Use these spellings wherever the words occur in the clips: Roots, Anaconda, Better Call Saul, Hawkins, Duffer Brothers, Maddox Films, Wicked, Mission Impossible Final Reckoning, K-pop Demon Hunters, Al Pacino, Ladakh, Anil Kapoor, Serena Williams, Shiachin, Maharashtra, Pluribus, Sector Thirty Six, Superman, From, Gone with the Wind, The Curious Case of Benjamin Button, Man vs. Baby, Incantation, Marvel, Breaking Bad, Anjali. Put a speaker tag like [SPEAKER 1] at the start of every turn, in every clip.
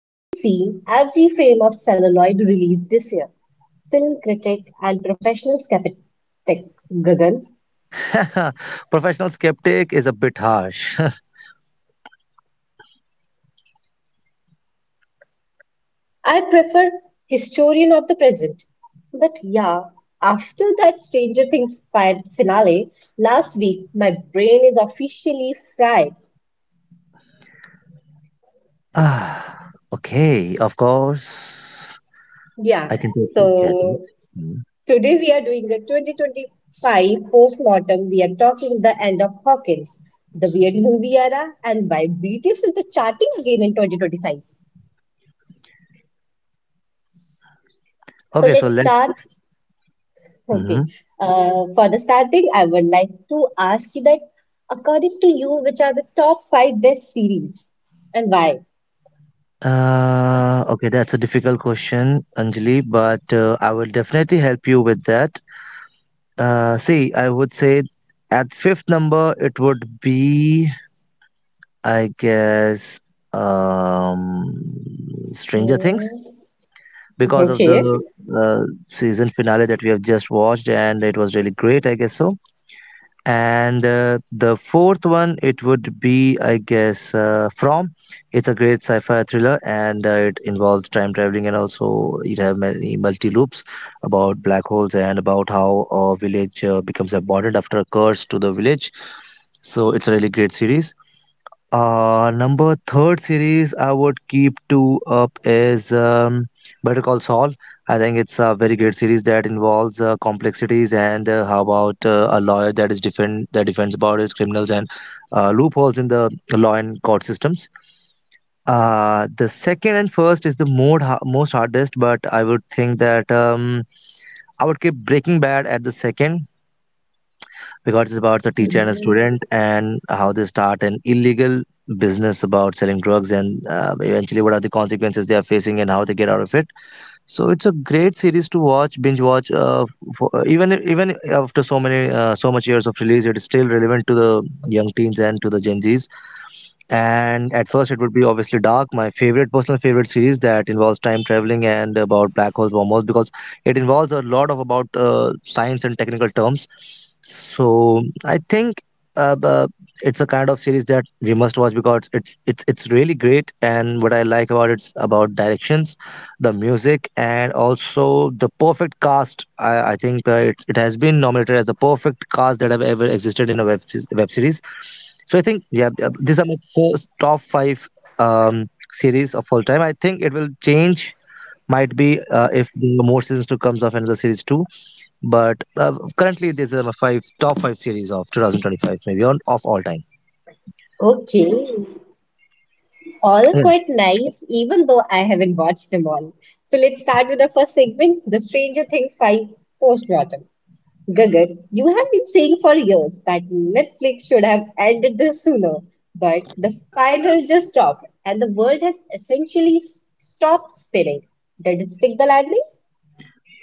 [SPEAKER 1] who's seen every frame of celluloid released this year, film critic and professional skeptic Gagan.
[SPEAKER 2] Professional skeptic is a bit harsh.
[SPEAKER 1] I prefer Historian of the Present. But yeah, after that Stranger Things finale last week, my brain is officially fried.
[SPEAKER 2] Ah, okay, of course.
[SPEAKER 1] Yeah,
[SPEAKER 2] I can totally get it.
[SPEAKER 1] so
[SPEAKER 2] Mm.
[SPEAKER 1] today we are doing a 2025 postmortem. We are talking the end of Hawkins, the weird movie era, and why BTS is the charting again in 2025. So
[SPEAKER 2] Okay, so
[SPEAKER 1] let's
[SPEAKER 2] let's.
[SPEAKER 1] start.
[SPEAKER 2] hmm
[SPEAKER 1] Okay.
[SPEAKER 2] Uh,
[SPEAKER 1] For the starting, I would like to ask you that according to you, which are the top five best series and why?
[SPEAKER 2] okay, that's a difficult question, Anjali, but I will definitely help you with that. See, I would say at fifth number, it would be, I guess, um, Stranger
[SPEAKER 1] Hmm.
[SPEAKER 2] Things. Because of
[SPEAKER 1] Okay.
[SPEAKER 2] the season finale that we have just watched, and it was really great, I guess so. And the fourth one, it would be, I guess, From. It's a great sci-fi thriller, and it involves time traveling, and also it have many multi loops about black holes and about how a village becomes abandoned after a curse to the village. So it's a really great series. Number third series I would keep two up is Better Call Saul. I think it's a very great series that involves complexities and how about a lawyer that defends about his criminals and loopholes in the law and court systems. The second and first is the more most hardest, but I would think that I would keep Breaking Bad at the second because it's about the teacher and a
[SPEAKER 1] Hmm.
[SPEAKER 2] student and how they start an illegal business about selling drugs and eventually what are the consequences they are facing and how they get out of it. So it's a great series to watch, binge watch. For, even after so much years of release, it is still relevant to the young teens and to the Gen Zs. And at first, it would be obviously dark. My favorite personal favorite series that involves time traveling and about black holes, wormholes, because it involves a lot of about science and technical terms, so I think uh, uh, it's a kind of series that we must watch because it's really great. And what I like about it's about directions, the music, and also the perfect cast. I think it has been nominated as the perfect cast that have ever existed in a web series. So I think yeah, these are my first top five series of all time. I think it will change. Might be if the more seasons to comes of another series too. But currently, there's my five top five series of 2025, maybe on of all time.
[SPEAKER 1] Okay. All are
[SPEAKER 2] Yeah.
[SPEAKER 1] quite nice, even though I haven't watched them all. So let's start with the first segment, The Stranger Things 5 Postmortem. Gagan, you have been saying for years that Netflix should have ended this sooner, but the final just stopped and the world has essentially stopped spinning. Did it stick the landing?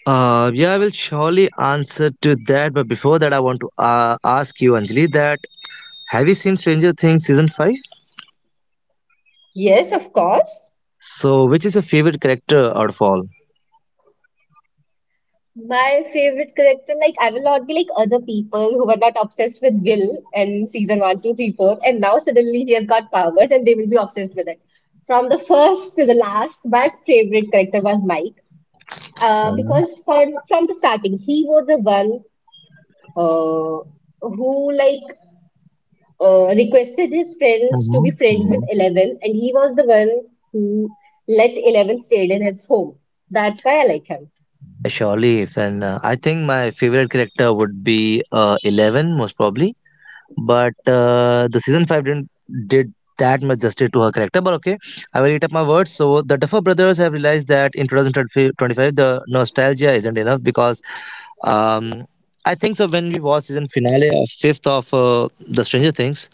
[SPEAKER 2] Yeah, I will surely answer to that. But before that, I want to ask you, Anjali, that have you seen Stranger Things season five?
[SPEAKER 1] Yes, of course.
[SPEAKER 2] So, which is your favorite character out of all?
[SPEAKER 1] My favorite character, like I will not be like other people who were not obsessed with Gil in season one, two, three, four, and now suddenly he has got powers and they will be obsessed with it. From the first to the last, my favorite character was Mike.
[SPEAKER 2] Mhm,
[SPEAKER 1] Because from the starting, he was the one uh, who like requested his friends to be
[SPEAKER 2] mhm,
[SPEAKER 1] friends with
[SPEAKER 2] mhm.
[SPEAKER 1] Eleven, and he was the one who let Eleven stay in his home. That's why I like him.
[SPEAKER 2] Surely, if and I think my favorite character would be Eleven, most probably. But the season 5 didn't did that much justice to her character, but okay, I will eat up my words. So the Duffer brothers have realized that in 2025 the nostalgia isn't enough, because um I think so, when we watched season finale of fifth of the Stranger Things,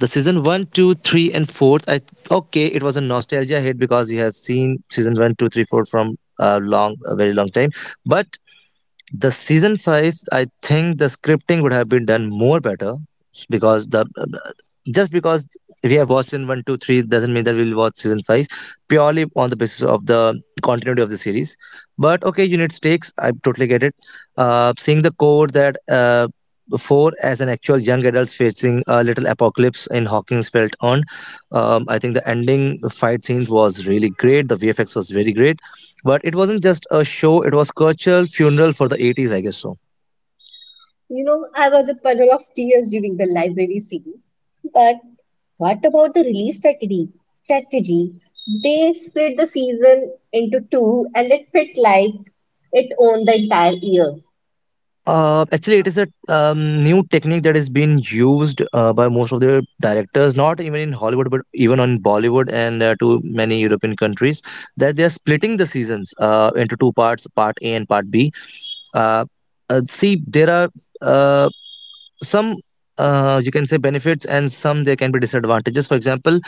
[SPEAKER 2] the season one, two, three, and 4th, I okay, it was a nostalgia hit because we have seen season one, two, three, four from a very long time. But the season five, I think the scripting would have been done more better, s- because the just because we have watched in one, two, three doesn't mean that we'll watch season five purely on the basis of the continuity of the series. But okay, unit stakes. I totally get it. Seeing the code that four as an actual young adults facing a little apocalypse in Hawkins felt on. I think the ending fight scenes was really great. The VFX was very great, but it wasn't just a show; it was cultural funeral for the 80s, I guess so.
[SPEAKER 1] You know, I was a puddle of tears during the library scene. But what about the release strategy? They split the season into two, and it felt like it owned the entire year.
[SPEAKER 2] Actually, it is a new technique that is being used by most of the directors, not even in Hollywood, but even on Bollywood and to many European countries, that they are splitting the seasons into two parts, part A and part B. Uh, See, there are uh, some you can say benefits and some there can be disadvantages. For example,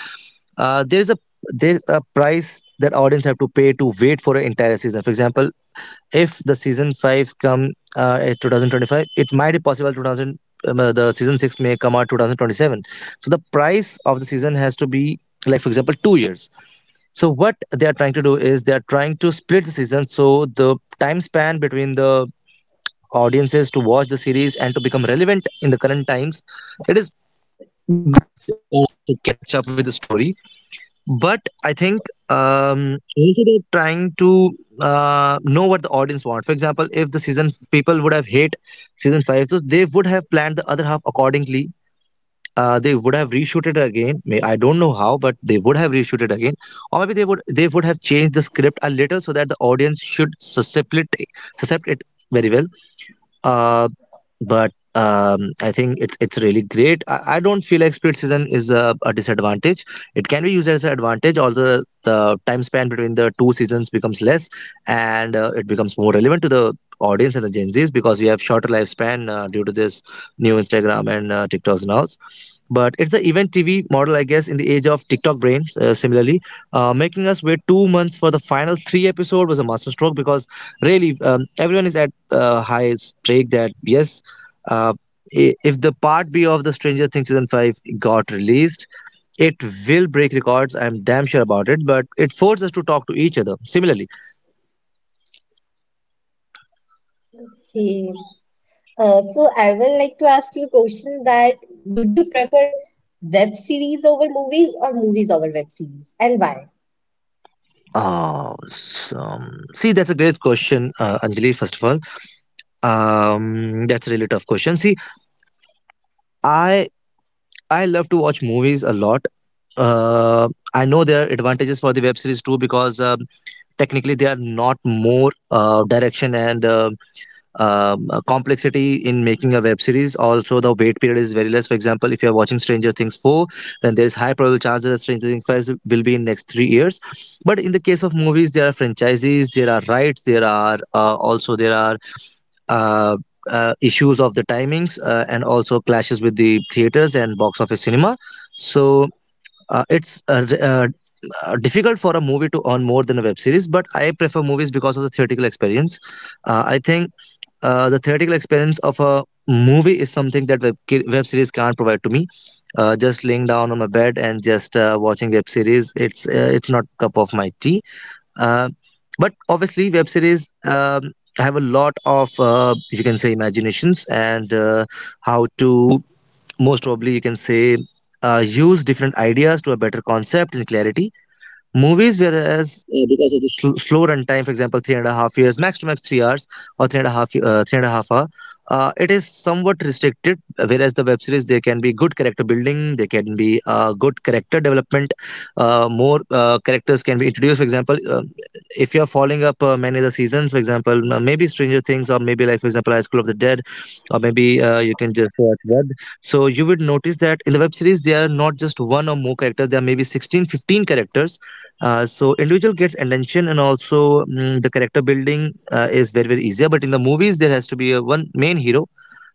[SPEAKER 2] uh, there is a there's a price that audience have to pay to wait for an entire season. For example, if the season fives come at 2025, it might be possible 2000 the season six may come out 2027, so the price of the season has to be, like, for example, 2 years. So what they are trying to do is they are trying to split the season so the time span between the audiences to watch the series and to become relevant in the current times, it is good for the audience to catch up with the story. But I think also they're trying to know what the audience want. For example, if the season people would have hate season five, so they would have planned the other half accordingly. They would have reshoot it again. May I don't know how, but they would have reshoot it again, or maybe they would have changed the script a little so that the audience should suscept it, suscept it very well. Uh, but I think it's really great. I don't feel like split season is a disadvantage. It can be used as an advantage, although the time span between the two seasons becomes less, and it becomes more relevant to the audience and the Gen Zs because we have shorter lifespan due to this new Instagram and TikToks now. But it's the event TV model, I guess, in the age of TikTok brain. Similarly, making us wait 2 months for the final three episode was a masterstroke, because really everyone is at high stake that yes, uh, if the part B of the Stranger Things season five got released, it will break records. I'm damn sure about it. But it forced us to talk to each other. Similarly,
[SPEAKER 1] Okay. So I will like to ask you a question that would you prefer web series over movies or movies over web series and why?
[SPEAKER 2] uh, see, that's a great question, Anjali. First of all, that's a really tough question. See, I I love to watch movies a lot. I know there are advantages for the web series too because technically they are not more direction and complexity in making a web series. Also, the wait period is very less. For example, if you are watching Stranger Things 4, then there is high probable chances that Stranger Things 5 will be in next 3 years. But in the case of movies, there are franchises, there are rights, there are also, there are uh, issues of the timings and also clashes with the theaters and box office cinema. So it's difficult for a movie to earn more than a web series, but I prefer movies because of the theatrical experience. I think the theatrical experience of a movie is something that web series can't provide to me. Just laying down on my bed and just watching web series, it's not cup of my tea, uh, but obviously, web series have a lot of you can say imaginations and how to most probably you can say use different ideas to a better concept and clarity. Movies, whereas because of the slow runtime, for example, 3.5 years, max to max 3 hours or three and a half, 3.5 hour, it is somewhat restricted. Whereas the web series, there can be good character building, there can be good character development. More characters can be introduced. For example, if you are following up many of the seasons, for example, maybe Stranger Things, or maybe like for example, High School of the Dead, or maybe you can just watch Web. So you would notice that in the web series, there are not just one or more characters. There are maybe 16, 15 characters, so individual gets attention and also the character building is very easier. But in the movies, there has to be a one main hero,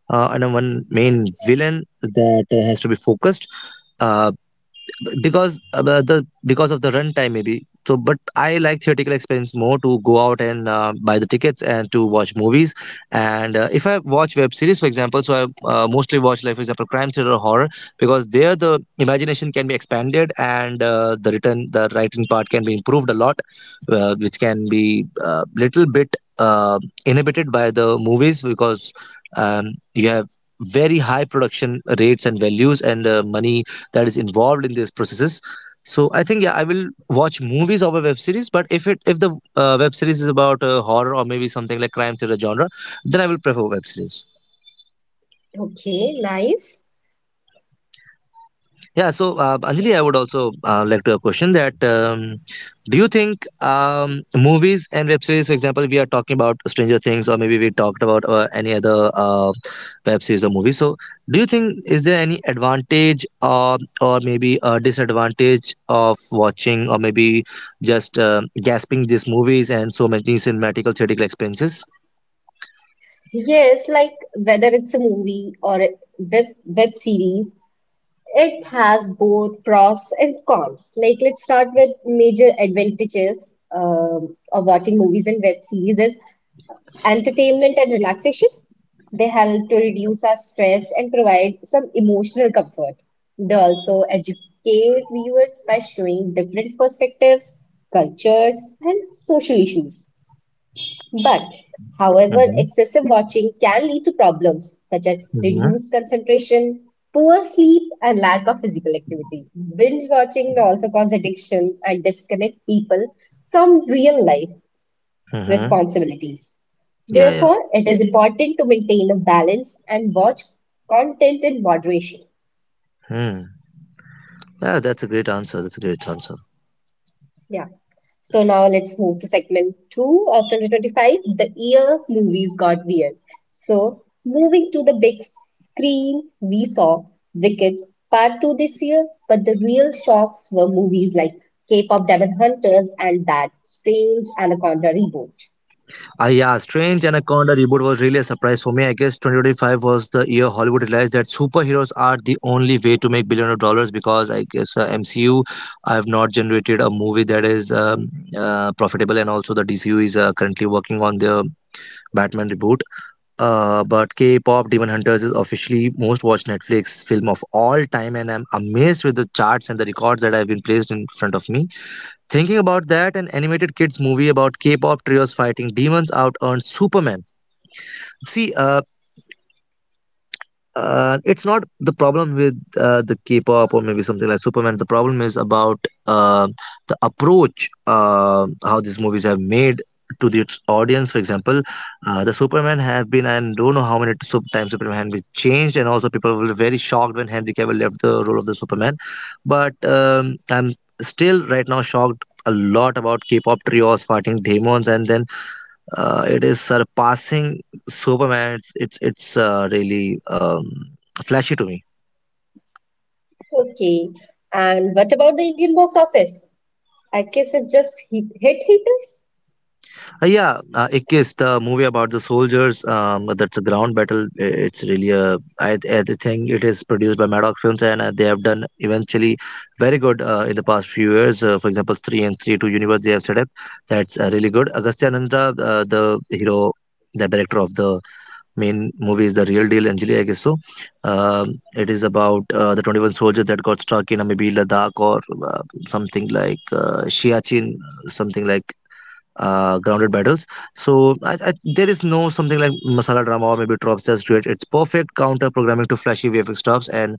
[SPEAKER 2] and a one main villain that has to be focused. Uh, B- because uh, because of the runtime maybe. So but I like theatrical experience more, to go out and buy the tickets and to watch movies. And if I watch web series, for example, so I mostly watch, like, for example, crime thriller or horror, because there the imagination can be expanded and the written the writing part can be improved a lot, which can be a little bit uh, inhibited by the movies because you have very high production rates and values and money that is involved in these processes. So I think, yeah, I will watch movies over web series, but if it if the web series is about horror or maybe something like crime thriller genre, then I will prefer web series.
[SPEAKER 1] Okay, nice.
[SPEAKER 2] Yeah, so Anjali, I would also like to have a question, that do you think movies and web series, for example, we are talking about Stranger Things or maybe we talked about any other web series or movie. So, do you think is there any advantage or maybe a disadvantage of watching or maybe just gasping these movies and so many cinematical theoretical experiences?
[SPEAKER 1] Yes, like whether it's a movie or a web series, it has both pros and cons. Like let's start with major advantages of watching movies and web series is entertainment and relaxation. They help to reduce our stress and provide some emotional comfort. They also educate viewers by showing different perspectives, cultures, and social issues. But, however,
[SPEAKER 2] Mm-hmm.
[SPEAKER 1] excessive watching can lead to problems such as
[SPEAKER 2] Mm-hmm.
[SPEAKER 1] reduced concentration, poor sleep, and lack of physical activity. Binge watching may also cause addiction and disconnect people from real life
[SPEAKER 2] Mm-hmm.
[SPEAKER 1] responsibilities.
[SPEAKER 2] Yeah, yeah.
[SPEAKER 1] Therefore, it is important to maintain a balance and watch content in moderation.
[SPEAKER 2] Hmm. Yeah, that's a great answer. That's a great answer.
[SPEAKER 1] Yeah. So now let's move to segment two of 2025, the year movies got weird. So moving to the big screen, we saw Wicked Part 2 this year, but the real shocks were movies like K-pop Demon Hunters and that strange Anaconda reboot.
[SPEAKER 2] Yeah, Strange Anaconda reboot was really a surprise for me. I guess 2025 was the year Hollywood realized that superheroes are the only way to make billion of dollars, because I guess MCU I have not generated a movie that is profitable, and also the DCU is currently working on their Batman reboot. But K-pop Demon Hunters is officially most watched Netflix film of all time, and I'm amazed with the charts and the records that have been placed in front of me. Thinking about that, an animated kids movie about K-pop trios fighting demons out earned Superman. See, it's not the problem with the K-pop or maybe something like Superman. The problem is about uh, the approach, how these movies have made to its audience. For example, the Superman have been and don't know how many times Superman had been changed, and also people were very shocked when Henry Cavill left the role of the Superman. But I'm still right now shocked a lot about K-pop trios fighting demons, and then it is surpassing Superman. It's really flashy to me.
[SPEAKER 1] Okay. And what about the Indian box office? I guess it's just hit haters.
[SPEAKER 2] Yeah, Ikkis, the movie about the soldiers. That's a ground battle. It's really a. I think it is produced by Maddox Films, and they have done eventually very good in the past few years. For example, 3 and 3 2 universe they have set up. That's really good. Agastya Nandra, the hero, the director of the main movie is the real deal, Anjali, I guess so. um, it is about the 21 soldiers that got stuck in maybe Ladakh or uh, something like Shiachin, something like grounded battles. So I, I, there is no something like masala drama or maybe tropes. That's great. It's perfect counter programming to flashy VFX tropes, and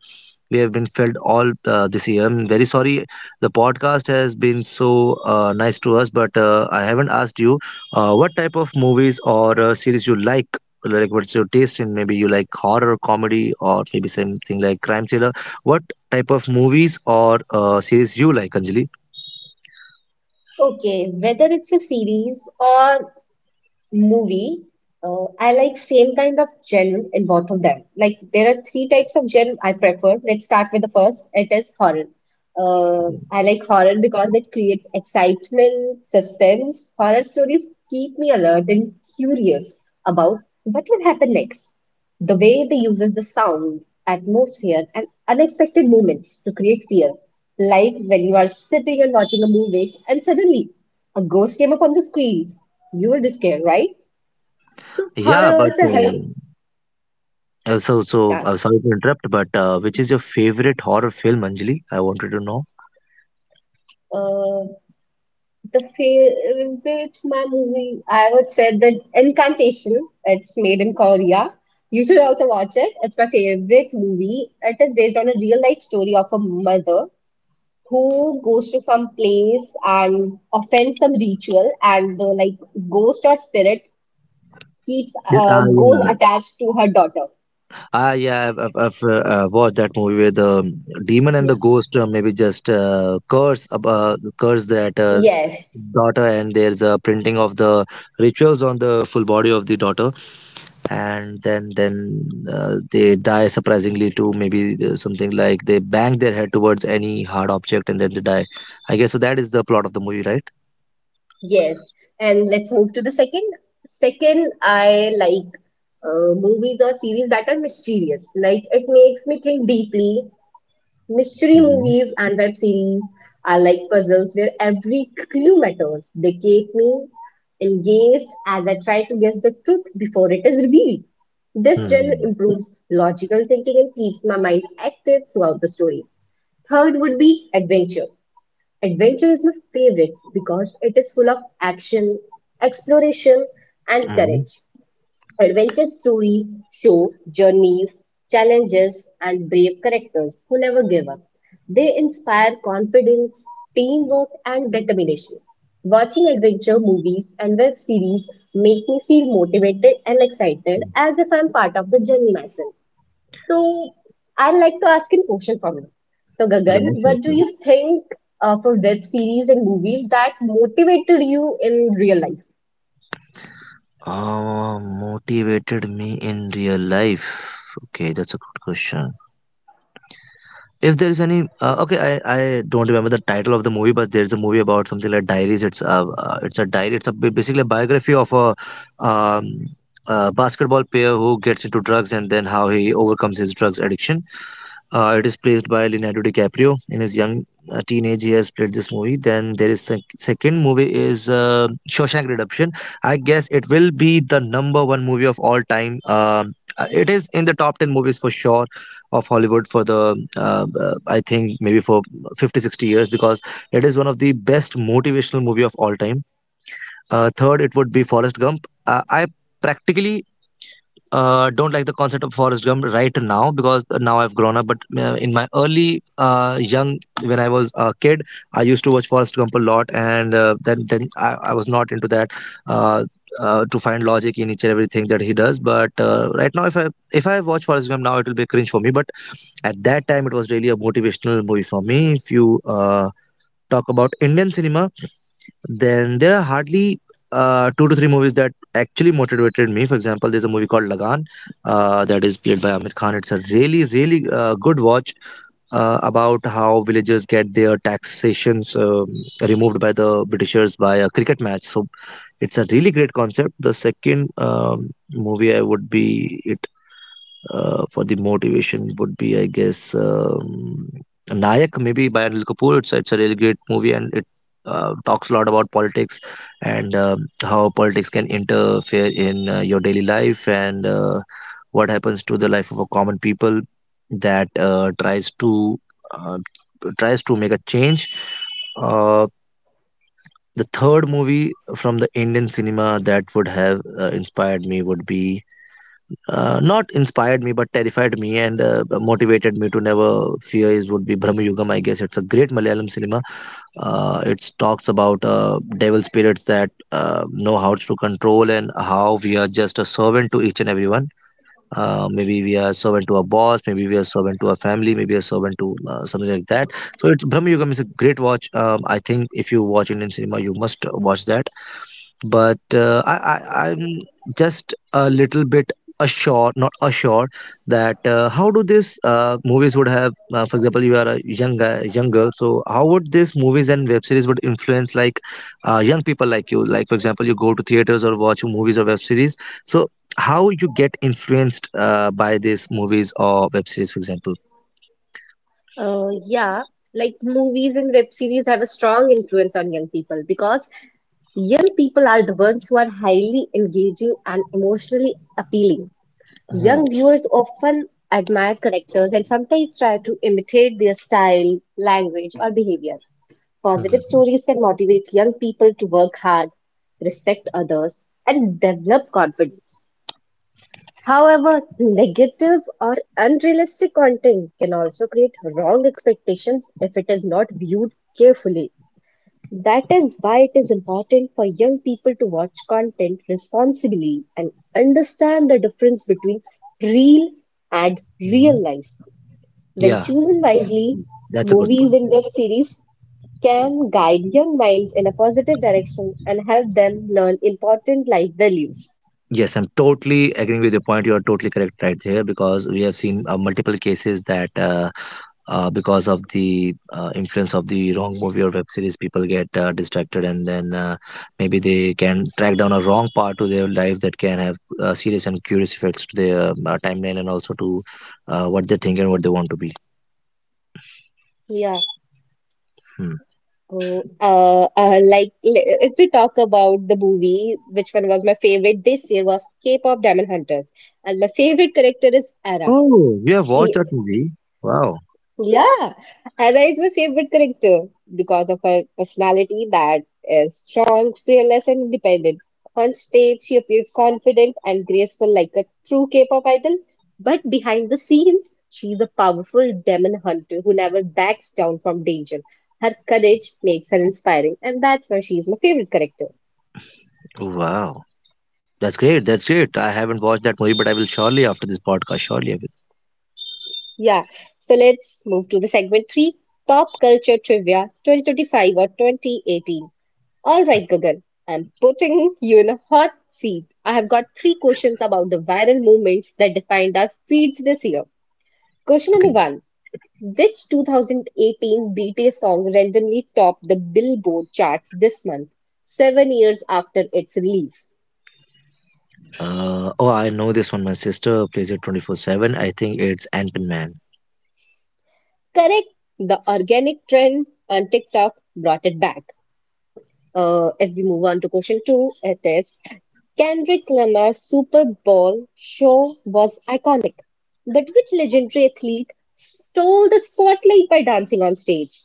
[SPEAKER 2] we have been felt all this year. I'm very sorry. The podcast has been so nice to us, but I haven't asked you what type of movies or series you like. Like, what's your taste in? Maybe you like horror, comedy, or maybe something like crime thriller. What type of movies or series you like, Anjali?
[SPEAKER 1] Okay, whether it's a series or movie, I like same kind of genre in both of them. Like there are three types of genre I prefer. Let's start with the first. It is horror. I like horror because it creates excitement, suspense. Horror stories keep me alert and curious about what will happen next. The way they uses the sound, atmosphere, and unexpected moments to create fear. Like when you are sitting and watching a movie and suddenly a ghost came up on the screen. You will be scared, right? So
[SPEAKER 2] Yeah,
[SPEAKER 1] horror
[SPEAKER 2] but
[SPEAKER 1] also, yeah, help that.
[SPEAKER 2] am sorry to interrupt, but which is your favorite horror film, Anjali? I wanted to know.
[SPEAKER 1] Uh, the favorite my movie, I would say the Incantation. It's made in Korea. You should also watch it. It's my favorite movie. It is based on a real life story of a mother who goes to some place and offends some ritual and the like ghost or spirit keeps
[SPEAKER 2] Yeah,
[SPEAKER 1] goes
[SPEAKER 2] yeah.
[SPEAKER 1] attached to her daughter.
[SPEAKER 2] Ah, yeah, I've watched that movie where the demon and
[SPEAKER 1] Yeah.
[SPEAKER 2] the ghost maybe just curse that
[SPEAKER 1] Yes,
[SPEAKER 2] daughter, and there's a printing of the rituals on the full body of the daughter, and then they die surprisingly too. Maybe something like they bang their head towards any hard object, and then they die. I guess so. That is the plot of the movie, right?
[SPEAKER 1] yes. And let's move to the second. I like movies or series that are mysterious, like it makes me think deeply. Mystery
[SPEAKER 2] Mm-hmm.
[SPEAKER 1] movies and web series are like puzzles where every clue matters. They keep me engaged as I try to guess the truth before it is revealed. This genre
[SPEAKER 2] Mm-hmm.
[SPEAKER 1] improves logical thinking and keeps my mind active throughout the story. Third would be adventure. Adventure is my favorite because it is full of action, exploration, and
[SPEAKER 2] Mm-hmm.
[SPEAKER 1] courage. Adventure stories show journeys, challenges, and brave characters who never give up. They inspire confidence, teamwork, and determination. Watching adventure movies and web series make me feel motivated and excited as if I'm part of the journey myself. So, I'd like to ask a question from you. So,
[SPEAKER 2] Yes,
[SPEAKER 1] Gagan, what
[SPEAKER 2] yes,
[SPEAKER 1] do
[SPEAKER 2] yes.
[SPEAKER 1] you think of a web series and movies that motivated you in real life?
[SPEAKER 2] Motivated me in real life. Okay, that's a good question. If there is any, okay, I don't remember the title of the movie, but there's a movie about something like diaries. It's a diary. Basically a biography of a um, basketball player who gets into drugs and then how he overcomes his drugs addiction. It is placed by Leonardo DiCaprio in his young teenage. He has played this movie. Then there is sec- second movie is Shawshank Redemption. I guess it will be the number one movie of all time. It is in the top ten movies for sure of Hollywood for the I think maybe for 50 60 years, because it is one of the best motivational movie of all time. Third, it would be Forrest Gump. I practically don't like the concept of Forrest Gump right now because now I've grown up. But in my early young, when I was a kid, I used to watch Forrest Gump a lot, and then I was not into that. Uh, to find logic in each and everything that he does, but right now, if I watch Forrest Gump now, it will be cringe for me. But at that time, it was really a motivational movie for me. If you talk about Indian cinema, then there are hardly two to three movies that actually motivated me. For example, there's a movie called Lagan that is played by Amir Khan. It's a really, really good watch about how villagers get their taxations removed by the Britishers by a cricket match. So it's a really great concept. The second movie I would be for the motivation would be, I guess, Nayak, maybe by Anil Kapoor. It's a really great movie, and it talks a lot about politics, and um, how politics can interfere in your daily life, and what happens to the life of a common people that tries to uh, tries to make a change. Uh, the third movie from the Indian cinema that would have inspired me would be not inspired me but terrified me, and motivated me to never fear, is would be Brahma Yugam, I guess. It's a great Malayalam cinema. It talks about devil spirits that know how to control, and how we are just a servant to each and everyone. Uh, maybe we are servant to a boss, maybe we are servant to a family, maybe a servant to something like that. So it's Brahma Yugam is a great watch. Um, I think if you watch Indian cinema, you must watch that. But I'm just a little bit assured, not assured, that how do these movies would have, for example, you are a young guy, young girl, so how would these movies and web series would influence like young people like you? Like, for example, you go to theaters or watch movies or web series, so how you get influenced by these movies or web series, for example?
[SPEAKER 1] Yeah, like movies and web series have a strong influence on young people because young people are the ones who are highly engaging and emotionally appealing.
[SPEAKER 2] Mhm,
[SPEAKER 1] Young viewers often admire characters and sometimes try to imitate their style, language, or behavior. Positive
[SPEAKER 2] mhm,
[SPEAKER 1] stories can motivate young people to work hard, respect others, and develop confidence. However, negative or unrealistic content can also create wrong expectations if it is not viewed carefully. That is why it is important for young people to watch content responsibly and understand the difference between real and real
[SPEAKER 2] mhm.
[SPEAKER 1] life. When
[SPEAKER 2] Yeah,
[SPEAKER 1] chosen wisely,
[SPEAKER 2] that's a good
[SPEAKER 1] movies
[SPEAKER 2] point.
[SPEAKER 1] and web series can guide young minds in a positive direction and help them learn important life values.
[SPEAKER 2] Yes, I'm totally agreeing with your point. You are totally correct right here, because we have seen multiple cases that because of the influence of the wrong movie or web series, people get distracted, and then maybe they can track down a wrong part to their life that can have serious and curious effects to their timeline, and also to what they think and what they want to be.
[SPEAKER 1] Yeah.
[SPEAKER 2] Hmm.
[SPEAKER 1] Oh, like if we talk about the movie, which one was my favorite this year was K-pop Diamond Hunters, and my favorite character is Ara.
[SPEAKER 2] Oh, you have watched
[SPEAKER 1] She
[SPEAKER 2] that movie? Wow.
[SPEAKER 1] yeah, Hera is my favorite character because of her personality that is strong, fearless, and independent. On stage, she appears confident and graceful like a true K-pop idol, but behind the scenes, she's a powerful demon hunter who never backs down from danger. Her courage makes her inspiring, and that's why she's my favorite character.
[SPEAKER 2] Wow. That's great. That's great. I haven't watched that movie, but I will surely after this podcast. Surely I will.
[SPEAKER 1] Yeah, so let's move to the segment three, pop culture trivia 2025 or 2018. All right, Gagan, I'm putting you in a hot seat. I have got three questions about the viral movements that defined our feeds this year. Question number
[SPEAKER 2] Okay.
[SPEAKER 1] one. Which 2018 BTS song randomly topped the Billboard charts this month, 7 years after its release?
[SPEAKER 2] Oh, I know this one. My sister plays it 24/7. I think it's Ant Man.
[SPEAKER 1] Correct. The organic trend on TikTok brought it back. If we move on to question two, it is: Kendrick Lamar's Super Bowl show was iconic, but which legendary athlete stole the spotlight by dancing on stage?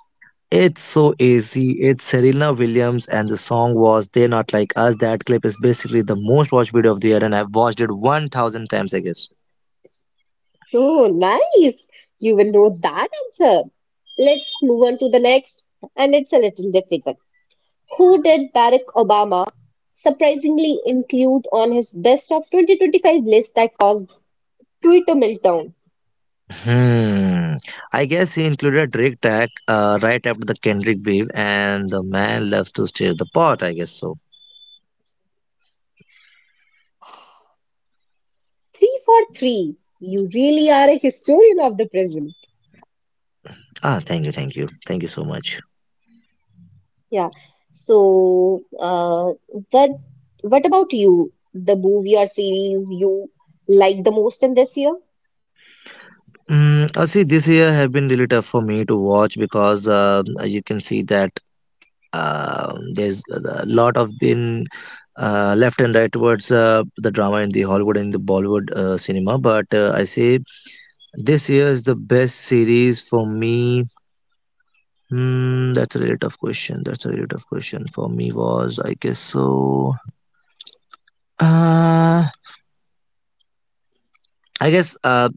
[SPEAKER 2] It's so easy. It's Serena Williams, and the song was They're Not Like Us. That clip is basically the most watched video of the year, and I've watched it 1,000 times, I guess.
[SPEAKER 1] Oh, nice! You will know that answer. Let's move on to the next, and it's a little difficult. Who did Barack Obama surprisingly include on his best of 2025 list that caused Twitter meltdown?
[SPEAKER 2] Hmm. I guess he included a Drake tag right after the Kendrick beef, and the man loves to stir the pot, I guess so.
[SPEAKER 1] Three for three. You really are a historian of the present.
[SPEAKER 2] Ah, thank you, thank you, thank you so much.
[SPEAKER 1] Yeah. So, what what about you? The movie or series you like the most in this year?
[SPEAKER 2] Mm, see, this year have been really tough for me to watch, because you can see that um, there's a lot of been left and right towards the drama in the Hollywood and the Bollywood cinema. But I say this year is the best series for me. Hmm, that's a really tough question. That's a really tough question for me. Was I guess so? Uh, I guess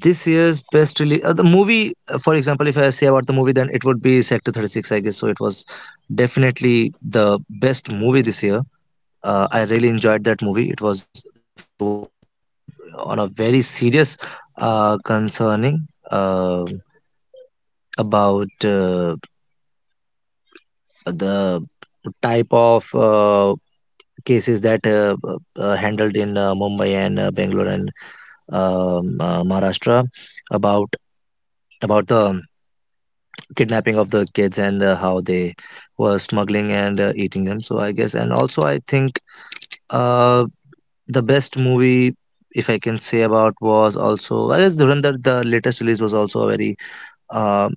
[SPEAKER 2] this year's best release, the movie. For example, if I say about the movie, then it would be Sector 36. I guess so. It was definitely the best movie this year. I really enjoyed that movie. It was on a very serious concerning, about the type of cases that handled in Mumbai and Bangalore and Maharashtra, about the kidnapping of the kids and how they were smuggling and eating them. So I guess, and also I think uh, the best movie if I can say about was also, I guess, Dhurandhar. The latest release was also a very uh,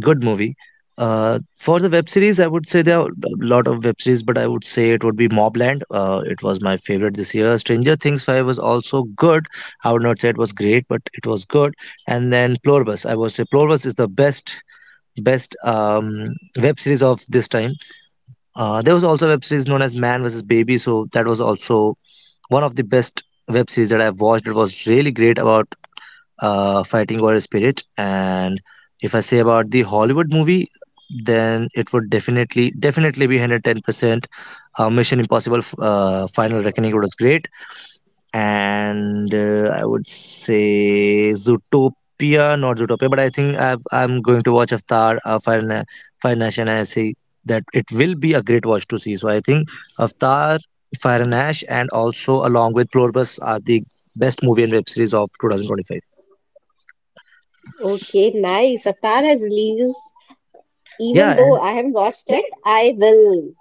[SPEAKER 2] good movie. For the web series, I would say there are a lot of web series, but I would say it would be Mobland. It was my favorite this year. Stranger Things 5 was also good. I would not say it was great, but it was good. And then Pluribus, I would say Pluribus is the best web series of this time. There was also a web series known as Man vs. Baby, so that was also one of the best web series that I've watched. It was really great about fighting or spirit. And if I say about the Hollywood movie, then it would definitely be 110%. Mission Impossible Final Reckoning was great. And I would say Zootopia, not Zootopia, but I'm going to watch Avatar, Fire Nation. I see that it will be a great watch to see. So I think Avatar, Fire and Ash, and also along with Pluribus are the best movie and web series of 2025.
[SPEAKER 1] Okay, nice. Avatar has released. Even
[SPEAKER 2] Yeah,
[SPEAKER 1] though I haven't watched it, I will.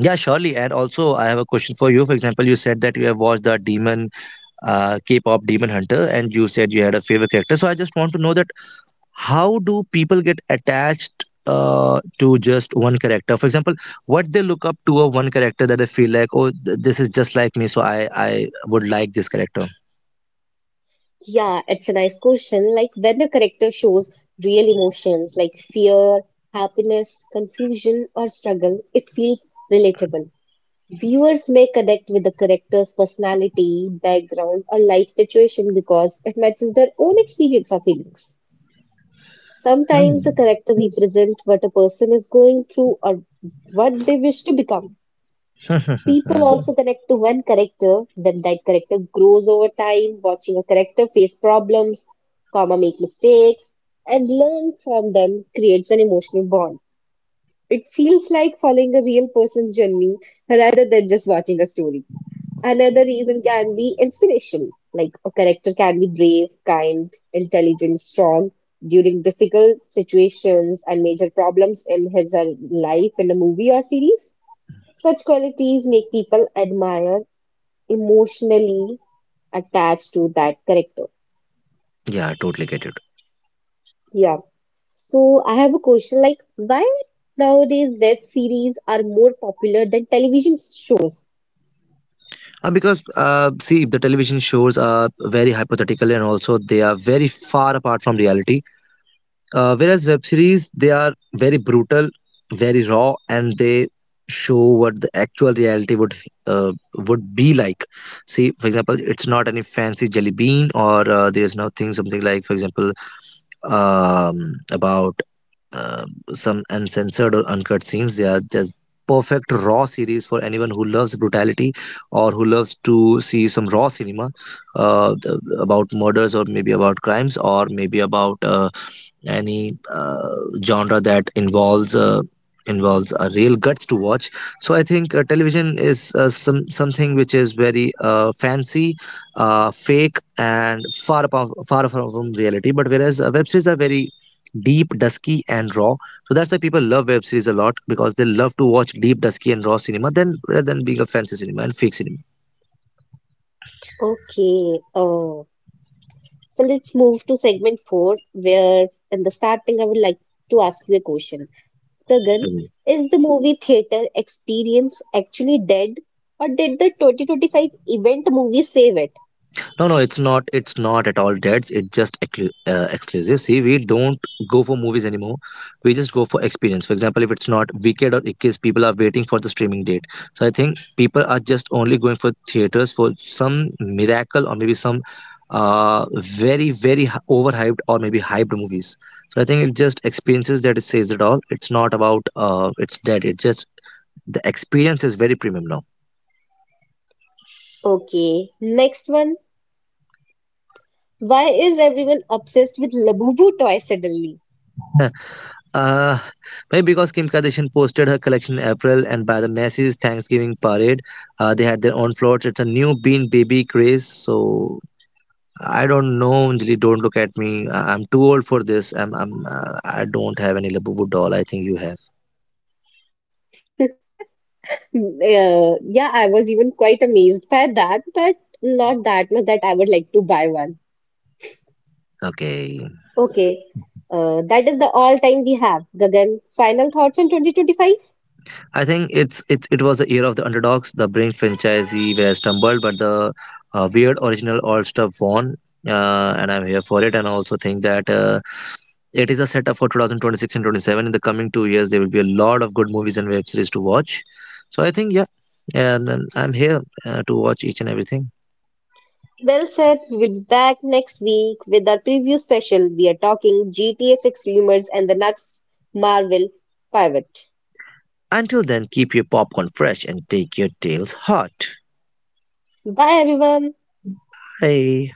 [SPEAKER 2] Yeah, surely. And also, I have a question for you. For example, you said that you have watched the Demon, K-pop Demon Hunter, and you said you had a favorite character. So I just want to know that how do people get attached to just one character? For example, what they look up to a one character that they feel like, oh, this is just like me, so I would like this character.
[SPEAKER 1] Yeah, it's a nice question. Like when the character shows real emotions like fear, happiness, confusion, or struggle, it feels relatable. Viewers may connect with the character's personality, background, or life situation because it matches their own experience or feelings. Sometimes a
[SPEAKER 2] Hmm.
[SPEAKER 1] character represents what a person is going through or what they wish to become. People
[SPEAKER 2] Hmm.
[SPEAKER 1] also connect to one character, then that character grows over time, watching a character face problems, comma make mistakes, and learn from them creates an emotional bond. It feels like following a real person's journey rather than just watching a story. Another reason can be inspiration, like a character can be brave, kind, intelligent, strong during difficult situations and major problems in his or her life in a movie or series. Such qualities make people admire emotionally attached to that character.
[SPEAKER 2] Yeah, I totally get it.
[SPEAKER 1] Yeah. So I have a question like why nowadays web series are more popular than television shows?
[SPEAKER 2] Because see, the television shows are very hypothetical, and also they are very far apart from reality. Whereas web series, they are very brutal, very raw, and they show what the actual reality uh, would be like. See, for example, it's not any fancy jelly bean, or there's nothing something like, for example, about um, some uncensored or uncut scenes. They are just perfect raw series for anyone who loves brutality or who loves to see some raw cinema about murders, or maybe about crimes, or maybe about any genre that involves a real guts to watch. So I think television is something which is very fancy, fake and far apart, far from reality. But whereas web series are very deep, dusky and raw. So that's why people love web series a lot, because they love to watch deep, dusky and raw cinema than rather than being a fancy cinema and fake cinema.
[SPEAKER 1] Okay. Oh. So let's move to segment four, where in the starting I would like to ask you a question. Gagan, is the movie theater experience actually dead, or did the 2025 event movie save it?
[SPEAKER 2] No, no, it's not. It's not at all dates. It's just exclusive. See, we don't go for movies anymore. We just go for experience. For example, if it's not Wicked or Ikkis, people are waiting for the streaming date. So I think people are just only going for theaters for some miracle, or maybe some very overhyped or maybe hyped movies. So I think it's just experiences that it says it all. It's not about it's dead. It's just the experience is very premium now.
[SPEAKER 1] Okay, next one. Why is everyone obsessed with Labubu toy suddenly?
[SPEAKER 2] Uh, Maybe because Kim Kardashian posted her collection in April, and by the Macy's Thanksgiving parade, they had their own floats. It's a new Bean Baby craze, so I don't know. Anjali, don't look at me. I'm too old for this. I'm, I don't have any Labubu doll. I think you have.
[SPEAKER 1] Yeah, I was even quite amazed by that, but not that much that I would like to buy one.
[SPEAKER 2] Okay,
[SPEAKER 1] Okay, that is the all time we have. Gagan, final thoughts on 2025?
[SPEAKER 2] I think it's it. It was the year of the underdogs. The Brink franchisee were stumbled, but the weird original All Star won. And I'm here for it, and I also think that it is a setup for 2026 and 27. In the coming 2 years, there will be a lot of good movies and web series to watch. So I think, yeah, and I'm here to watch each and everything.
[SPEAKER 1] Well said. We will be back next week with our preview special. We are talking GTA 6 rumors and the next Marvel pivot.
[SPEAKER 2] Until then, keep your popcorn fresh and take your tales hot.
[SPEAKER 1] Bye, everyone.
[SPEAKER 2] Bye.